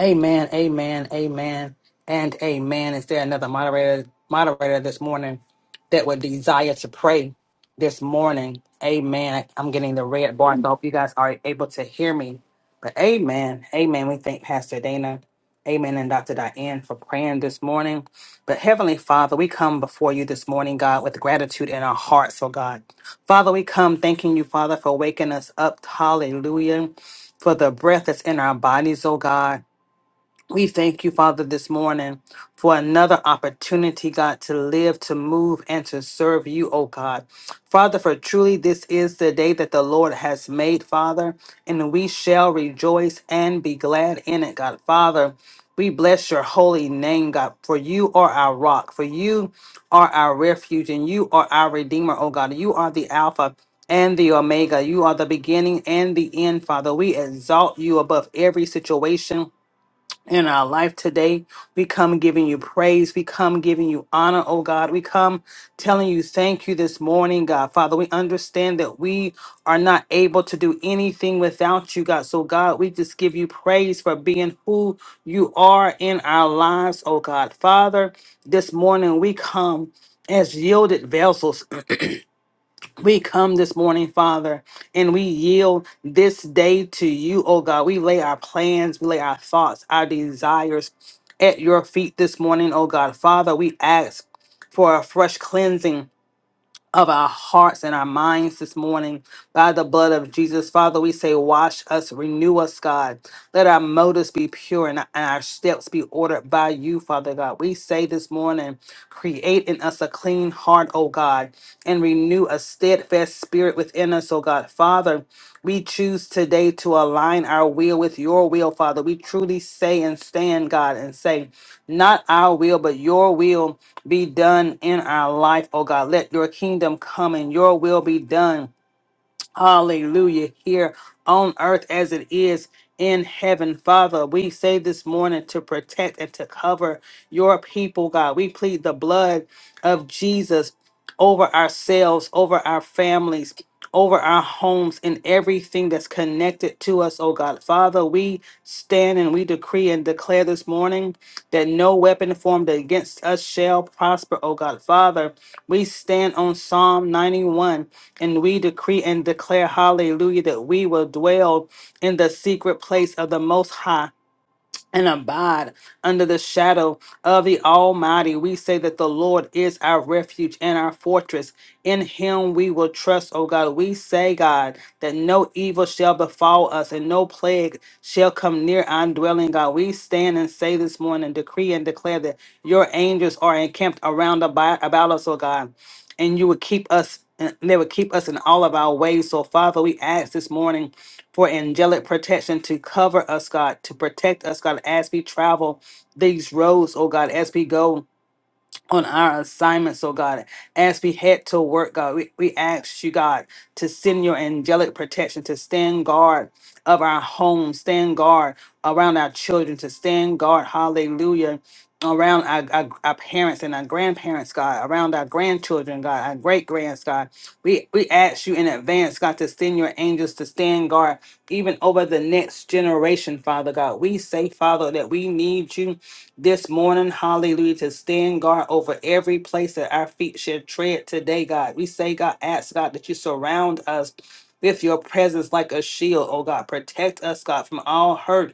A: Amen, amen, amen, and amen. Is there another moderator moderator this morning that would desire to pray this morning? Amen. I- I'm getting the red bar, so I hope you guys are able to hear me. But amen, amen. We thank Pastor Dana, amen, and Dr. Diane for praying this morning. But Heavenly Father, we come before you this morning, God, with gratitude in our hearts, oh God. Father, we come thanking you, Father, for waking us up. Hallelujah. For the breath that's in our bodies, oh God. We thank you, Father, this morning for another opportunity, God, to live, to move, and to serve you, oh God. Father, for truly this is the day that the Lord has made, Father, and we shall rejoice and be glad in it, God. Father, we bless your holy name, God, for you are our rock, for you are our refuge, and you are our redeemer, oh God. You are the Alpha and the Omega. You are the beginning and the end, Father. We exalt you above every situation in our life today. We come giving you praise. We come giving you honor, oh God. We come telling you thank you this morning, God. Father, we understand that we are not able to do anything without you, God. So, God, we just give you praise for being who you are in our lives, oh God. Father, this morning we come as yielded vessels. [clears throat] We come this morning, Father, and we yield this day to you, oh God. We lay our plans, we lay our thoughts, our desires at your feet this morning, oh God. Father, we ask for a fresh cleansing of our hearts and our minds this morning by the blood of Jesus. Father, we say, Wash us, renew us, God. Let our motives be pure and and our steps be ordered by you, Father God. We say this morning, Create in us a clean heart, O God, and renew a steadfast spirit within us, O God. Father, we choose today to align our will with your will, Father. We truly say and stand, God, and say, Not our will, but your will be done in our life, oh God. Let your kingdom come and your will be done Hallelujah. Here on earth as it is in heaven. Father, we say this morning to protect and to cover your people, God. We plead the blood of Jesus over ourselves, over our families, over our homes, and everything that's connected to us, oh God. Father, we stand and we decree and declare this morning that no weapon formed against us shall prosper, oh God. Father, we stand on Psalm 91 and we decree and declare, hallelujah, that we will dwell in the secret place of the Most High and abide under the shadow of the Almighty. We say that the Lord is our refuge and our fortress. In him we will trust, O God. We say, God, that no evil shall befall us and no plague shall come near our dwelling, God. We stand and say this morning, decree and declare that your angels are encamped around about, about us, O God, and you will keep us. And they will keep us in all of our ways. So, Father, we ask this morning for angelic protection to cover us, God, to protect us, God, as we travel these roads, oh God, as we go on our assignments, oh God. As we head to work, God, we, we ask you, God, to send your angelic protection to stand guard of our homes, stand guard around our children, to stand guard, hallelujah, around our, our, our parents and our grandparents, God, around our grandchildren, God, our great grands, God. We, we ask you in advance, God, to send your angels to stand guard even over the next generation, Father God. We say, Father, that we need you this morning, hallelujah, to stand guard over every place that our feet should tread today, God. We say, God, ask God that you surround us with your presence like a shield, oh God. Protect us, God, from all hurt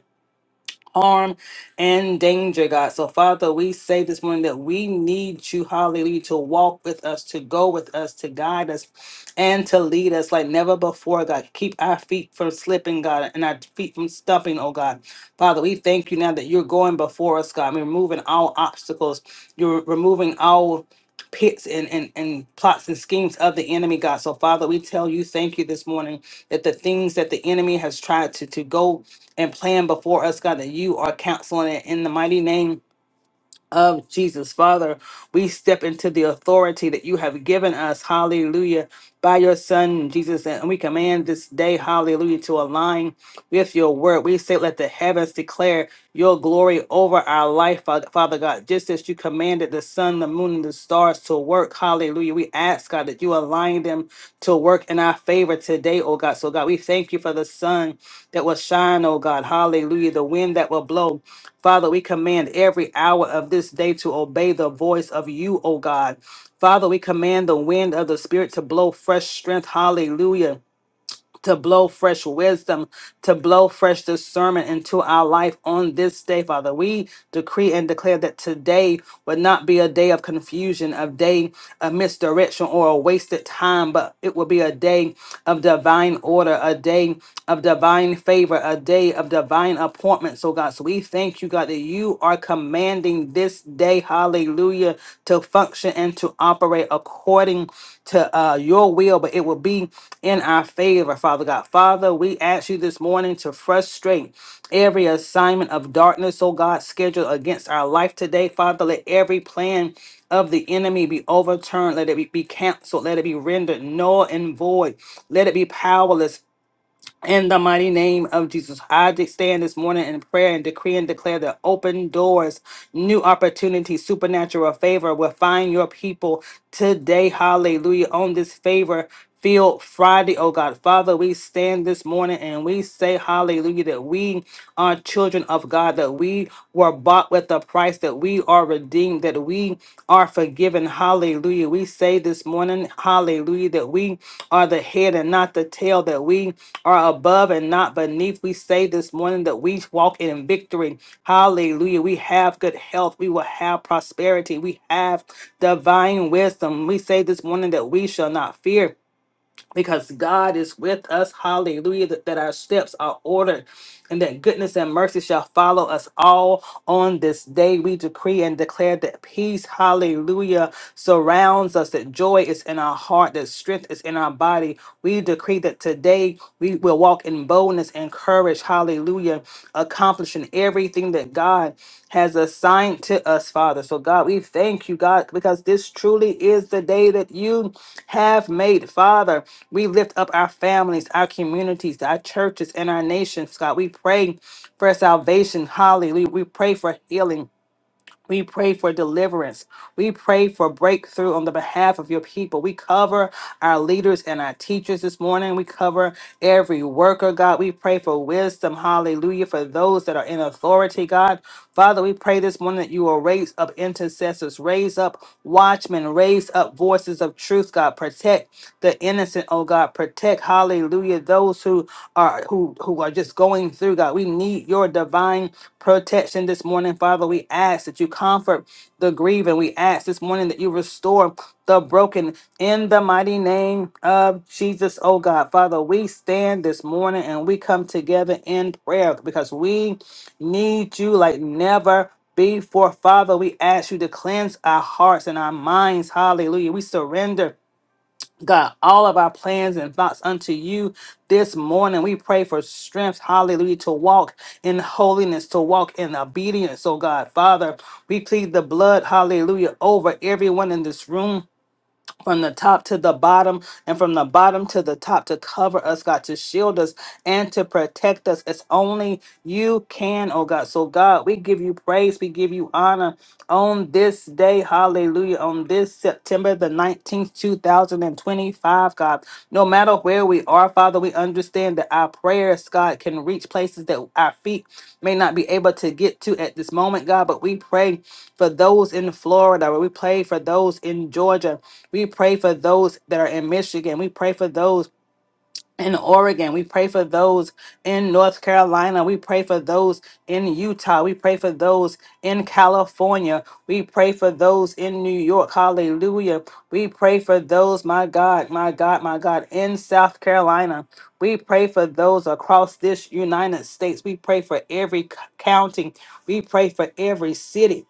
A: harm and danger, God. So, Father, we say this morning that we need you, hallelujah, to walk with us, to go with us, to guide us, and to lead us like never before, God. Keep our feet from slipping, God, and our feet from stumping, oh God. Father, we thank you now that you're going before us, God. We're removing all obstacles. You're removing all pits and, and, and plots and schemes of the enemy, God. So, Father, we tell you, thank you this morning that the things that the enemy has tried to, to go and plan before us, God, that you are counseling it in the mighty name of Jesus. Father, we step into the authority that you have given us, hallelujah, by your Son, Jesus. And we command this day, hallelujah, to align with your word. We say, let the heavens declare your glory over our life, Fa- Father God, just as you commanded the sun, the moon, and the stars to work, hallelujah. Hallelujah. We ask, God, that you align them to work in our favor today, oh God. So, God, we thank you for the sun that will shine, oh God. Hallelujah. The wind that will blow. Father, we command every hour of this day to obey the voice of you, oh God. Father, we command the wind of the Spirit to blow fresh strength. Hallelujah to blow fresh wisdom, to blow fresh discernment into our life on this day, Father. We decree and declare that today would not be a day of confusion, a day of misdirection or a wasted time, but it will be a day of divine order, a day of divine favor, a day of divine appointments, oh God. So we thank you, God, that you are commanding this day, hallelujah, to function and to operate according to uh, your will, but it will be in our favor, Father God. Father, we ask you this morning to frustrate every assignment of darkness, oh God, scheduled against our life today, Father. Let every plan of the enemy be overturned. Let it be, be canceled. Let it be rendered null and void. Let it be powerless in the mighty name of Jesus, I de- stand this morning in prayer and decree and declare that open doors, new opportunities, supernatural favor will find your people today. Hallelujah. On this favor field Friday, oh God. Father, we stand this morning and we say, Hallelujah, that we are children of God, that we were bought with a price, that that we are redeemed, that we are forgiven. Hallelujah. We say this morning, hallelujah, that we are the head and not the tail, that we are above and not beneath. We say this morning that we walk in victory. Hallelujah. We have good health. We will have prosperity. We have divine wisdom. We say this morning that we shall not fear because God is with us. Hallelujah. That, that our steps are ordered and that goodness and mercy shall follow us all on this day. We decree and declare that peace, hallelujah, surrounds us, that joy is in our heart, that strength is in our body. We decree that today we will walk in boldness and courage, hallelujah, accomplishing every everything that God has assigned to us, Father. So, God, we thank you, God, because this truly is the day that you have made, Father. We lift up our families, our communities, our churches, and our nations, God. We pray for salvation. Hallelujah. We pray for healing. We pray for deliverance. We pray for breakthrough on the behalf of your people. We cover our leaders and our teachers this morning. We cover every worker, God. We pray for wisdom. Hallelujah. For those that are in authority, God. Father, we pray this morning that you will raise up intercessors, raise up watchmen, raise up voices of truth, God. Protect the innocent, oh God. God. Protect, hallelujah, those who are who who are just going through, God. We need your divine protection this morning, Father. We ask that you comfort the grieving. We ask this morning that you restore the broken in the mighty name of Jesus, oh God. Father, we stand this morning and we come together in prayer because we need you like never before. Father, we ask you to cleanse our hearts and our minds. Hallelujah. We surrender. God, all of our plans and thoughts unto you this morning. We pray for strength, hallelujah, to walk in holiness, to walk in obedience. Oh God, Father, we plead the blood, hallelujah, over everyone in this room from the top to the bottom and from the bottom to the top to cover us, God, to shield us and to protect us. It's only you can, oh God. So, God, we give you praise, we give you honor on this day. Hallelujah. On this September the 19th, 2025, God. No matter where we are, Father, we understand that our prayers, God, can reach places that our feet may not be able to get to at this moment, God, but we pray for those in Florida. We pray for those in Georgia. We pray for those that are in Michigan. We pray for those in Oregon. We pray for those in North Carolina. We pray for those in Utah. We pray for those in California. We pray for those in New York. Hallelujah. We pray for those, my God, my God, my God, in South Carolina. We pray for those across this United States. We pray for every c- county. We pray for every city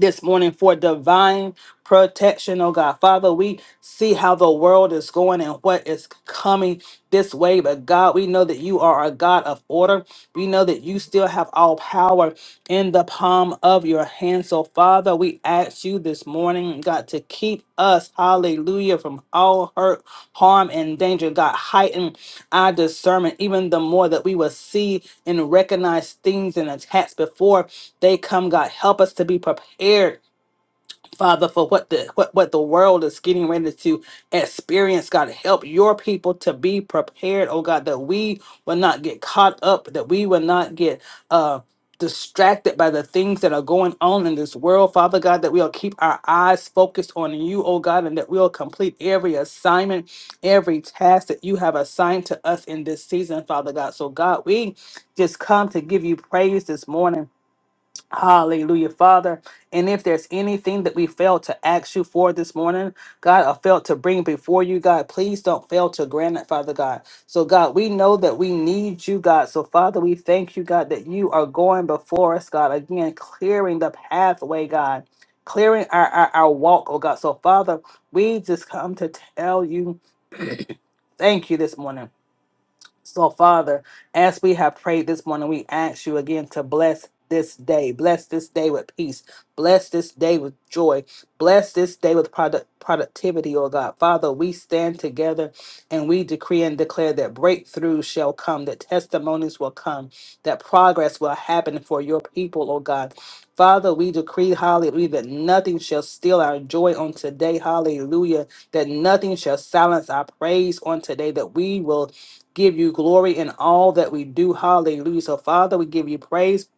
A: this morning for divine protection, oh God. Father, we see how the world is going and what is coming this way, but God, we know that you are a God of order. We know that you still have all power in the palm of your hand. So, Father, Father, we ask you this morning, God, to keep us, hallelujah, from all hurt, harm, and danger. God, heighten our discernment even the more that we will see and recognize things and attacks before they come. God, help us to be prepared Father, for what the what, what the world is getting ready to experience, God, help your people to be prepared, oh God, that we will not get caught up, that we will not get uh distracted by the things that are going on in this world, Father God, that we'll keep our eyes focused on you, oh God, and that we'll complete every assignment, every task that you have assigned to us in this season, Father God. So God, we just come to give you praise this morning. Hallelujah, Father. And if there's anything that we failed to ask you for this morning, God, I failed to bring before you, God, please don't fail to grant it, Father God. So, God, we know that we need you, God. So, Father, we thank you, God, that you are going before us, God, again, clearing the pathway, God, clearing our, our, our walk, oh God. So, Father, we just come to tell you thank you this morning. So, Father, as we have prayed this morning, we ask you again to bless this day. Bless this day with peace. Bless this day with joy. Bless this day with product productivity, oh God. Father, we stand together and we decree and declare that breakthrough shall come, that testimonies will come, that progress will happen for your people, oh God. Father, we decree, hallelujah, that nothing shall steal our joy on today, hallelujah, that nothing shall silence our praise on today, that we will give you glory in all that we do. Hallelujah. So, Father, we give you praise,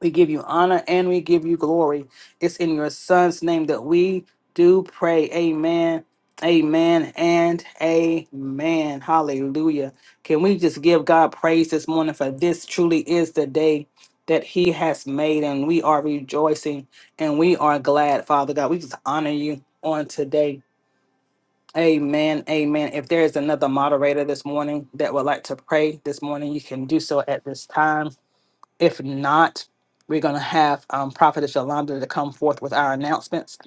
A: we give you honor, and we give you glory. It's in your Son's name that we do pray. Amen. Amen and amen. Hallelujah. Can we just give God praise this morning for this truly is the day that He has made, and we are rejoicing and we are glad, Father God. We just honor you on today. Amen. Amen. If there is another moderator this morning that would like to pray this morning, you can do so at this time. If not, we're going to have um, Prophetess Yolanda to come forth with our announcements.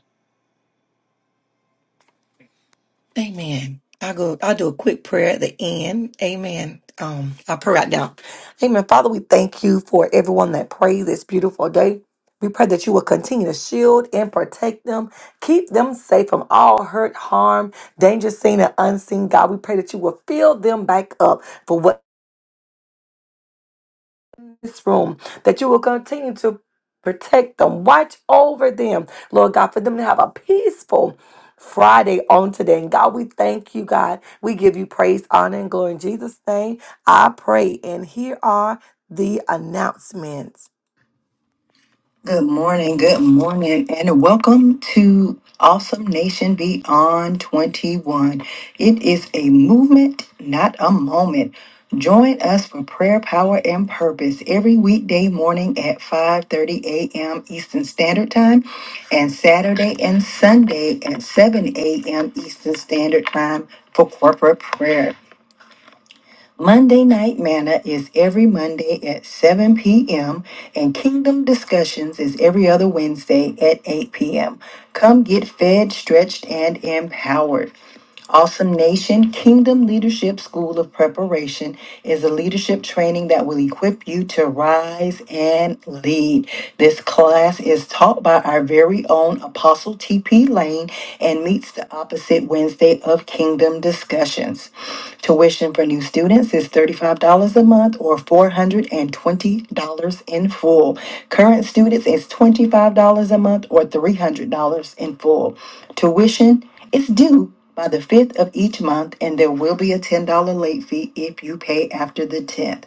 D: Amen. I go. I do a quick prayer at the end. Amen. Um, I pray right now. Amen. Father, we thank you for everyone that prayed this beautiful day. We pray that you will continue to shield and protect them, keep them safe from all hurt, harm, danger seen and unseen. God, we pray that you will fill them back up for what this room, that you will continue to protect them, watch over them, Lord God, for them to have a peaceful Friday on today. And God, we thank you, God. We give you praise, honor, and glory. In Jesus' name, I pray. And here are the announcements. Good morning, good morning, and welcome to Awesome Nation Beyond 21. It is a movement, not a moment. Join us for prayer, power, and purpose every weekday morning at 5:30 a.m. Eastern Standard Time and Saturday and Sunday at 7 a.m. Eastern Standard Time for corporate prayer. Monday Night Manna is every Monday at 7 p.m., and Kingdom Discussions is every other Wednesday at 8 p.m. Come get fed, stretched, and empowered. Awesome Nation Kingdom Leadership School of Preparation is a leadership training that will equip you to rise and lead. This class is taught by our very own Apostle T.P. Lane and meets the opposite Wednesday of Kingdom Discussions. Tuition for new students is $35 a month or $420 in full. Current students is $25 a month or $300 in full. Tuition is due by the 5th of each month, and there will be a $10 late fee if you pay after the 10th.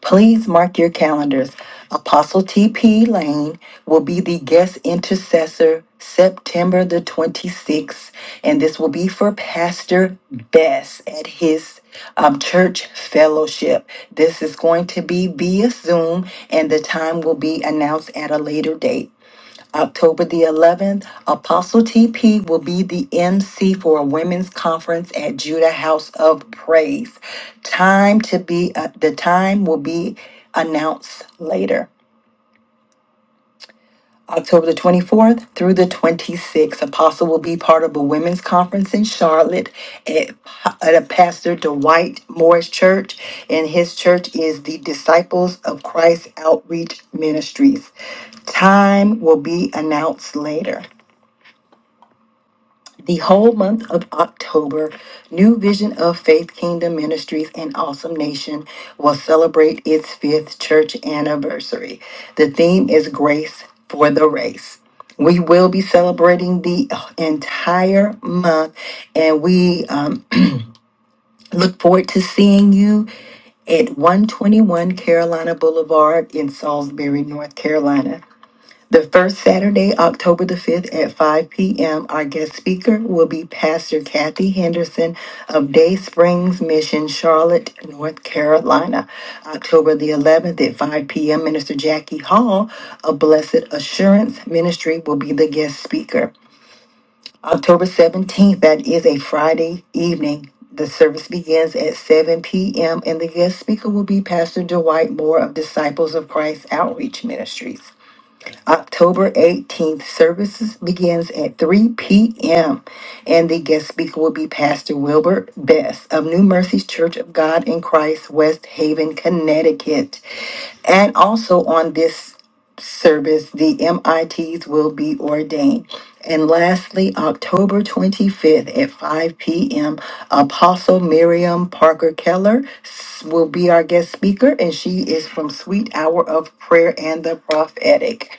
D: Please mark your calendars. Apostle T.P. Lane will be the guest intercessor September the 26th, and this will be for Pastor Bess at his um, church fellowship. This is going to be via Zoom, and the time will be announced at a later date. October the 11th, Apostle TP will be the MC for a women's conference at Judah House of Praise. Time to be, uh, the time will be announced later. October the 24th through the 26th, Apostle will be part of a women's conference in Charlotte at, at Pastor Dwight Morris Church, and his church is the Disciples of Christ Outreach Ministries. Time will be announced later. the whole month of October, New Vision of Faith Kingdom Ministries and Awesome Nation will celebrate its fifth church anniversary. The theme is Grace for the Race. We will be celebrating the entire month, and we um, look forward to seeing you at 121 Carolina Boulevard in Salisbury, North Carolina. The first Saturday, October the 5th at 5 p.m., our guest speaker will be Pastor Kathy Henderson of Day Springs Mission, Charlotte, North Carolina. October the 11th at 5 p.m., Minister Jackie Hall of Blessed Assurance Ministry will be the guest speaker. October 17th, that is a Friday evening. The service begins at 7 p.m., and the guest speaker will be Pastor Dwight Moore of Disciples of Christ Outreach Ministries. October 18th. Services begins at 3 p.m. and the guest speaker will be Pastor Wilbert Best of New Mercies Church of God in Christ, West Haven, Connecticut. And also on this service, the MITs will be ordained. And lastly, October 25th at 5 p.m., Apostle Miriam Parker Keller s- will be our guest speaker, and she is from Sweet Hour of Prayer and the Prophetic.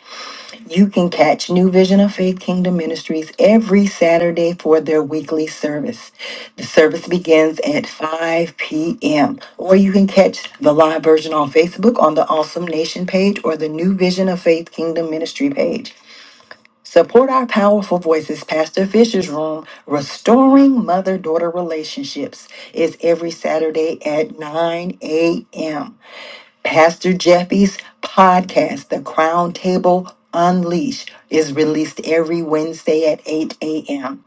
D: You can catch New Vision of Faith Kingdom Ministries every Saturday for their weekly service. The service begins at 5 p.m. Or you can catch the live version on Facebook on the Awesome Nation page or the New Vision of Faith Kingdom Ministry page. Support our powerful voices. Pastor Fisher's Room, Restoring Mother Daughter Relationships, is every Saturday at 9 a.m. Pastor Jeffy's podcast, The Crown Table Unleashed, is released every Wednesday at 8 a.m.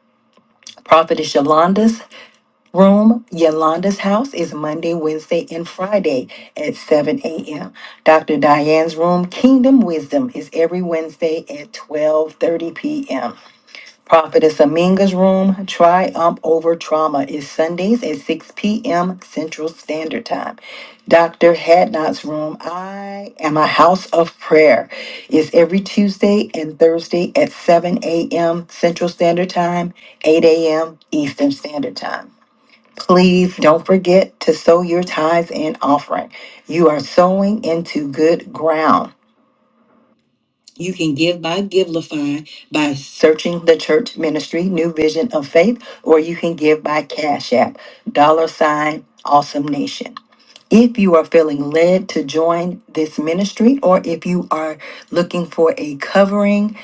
D: Prophetess Yolanda's room, Yolanda's house, is Monday, Wednesday, and Friday at 7 a.m. Dr. Diane's room, Kingdom Wisdom, is every Wednesday at 12:30 p.m. Prophetess Aminga's Room, Triumph Over Trauma, is Sundays at 6 p.m. Central Standard Time. Dr. Hadnot's Room, I Am a House of Prayer, is every Tuesday and Thursday at 7 a.m. Central Standard Time, 8 a.m. Eastern Standard Time. Please don't forget to sow your tithes and offering. You are sowing into good ground. You can give by Givelify by searching the church ministry, New Vision of Faith, or you can give by Cash App, dollar sign, awesome nation. If you are feeling led to join this ministry, or if you are looking for a covering,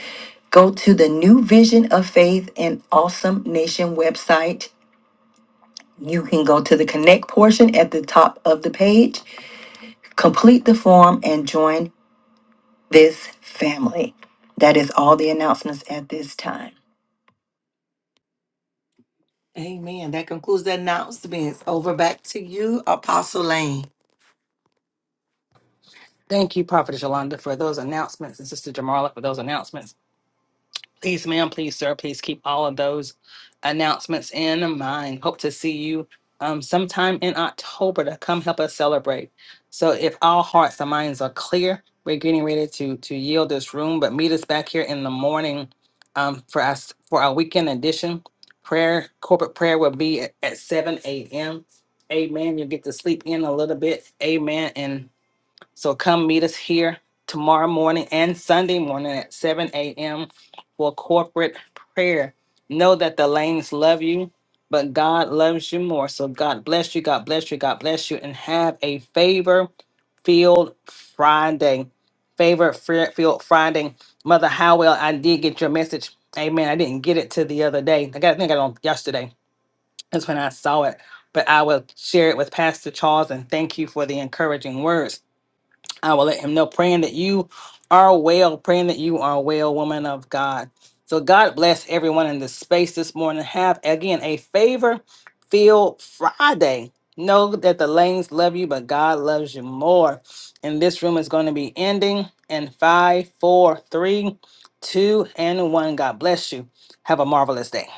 D: go to the New Vision of Faith and Awesome Nation website. You can go to the connect portion at the top of the page, complete the form, and join this family. That is all the announcements at this time. Amen. That concludes the announcements. Over back to you, Apostle Lane.
A: Thank you, Prophetess Yolanda, for those announcements, and Sister Jamarla for those announcements. Please, ma'am, please, sir, please keep all of those announcements in mind. Hope to see you um, sometime in October to come help us celebrate. So, if all hearts and minds are clear, we're getting ready to to yield this room, but meet us back here in the morning um, for us for our weekend edition. Prayer, corporate prayer will be at, at 7 a.m. Amen. You'll get to sleep in a little bit. Amen. And so come meet us here tomorrow morning and Sunday morning at 7 a.m. for corporate prayer. Know that the lanes love you, but God loves you more. So God bless you, God bless you, God bless you, and have a favor field Friday. Favor field Friday. Mother Howell, I did get your message. Amen. I didn't get it to the other day. I got I think I got it on yesterday. That's when I saw it. But I will share it with Pastor Charles and thank you for the encouraging words. I will let him know, praying that you are well, praying that you are well, woman of God. So God bless everyone in this space this morning. Have again a favor filled Friday. Know that the lanes love you, but God loves you more. And this room is going to be ending in five, four, three, two, and one. God bless you. Have a marvelous day.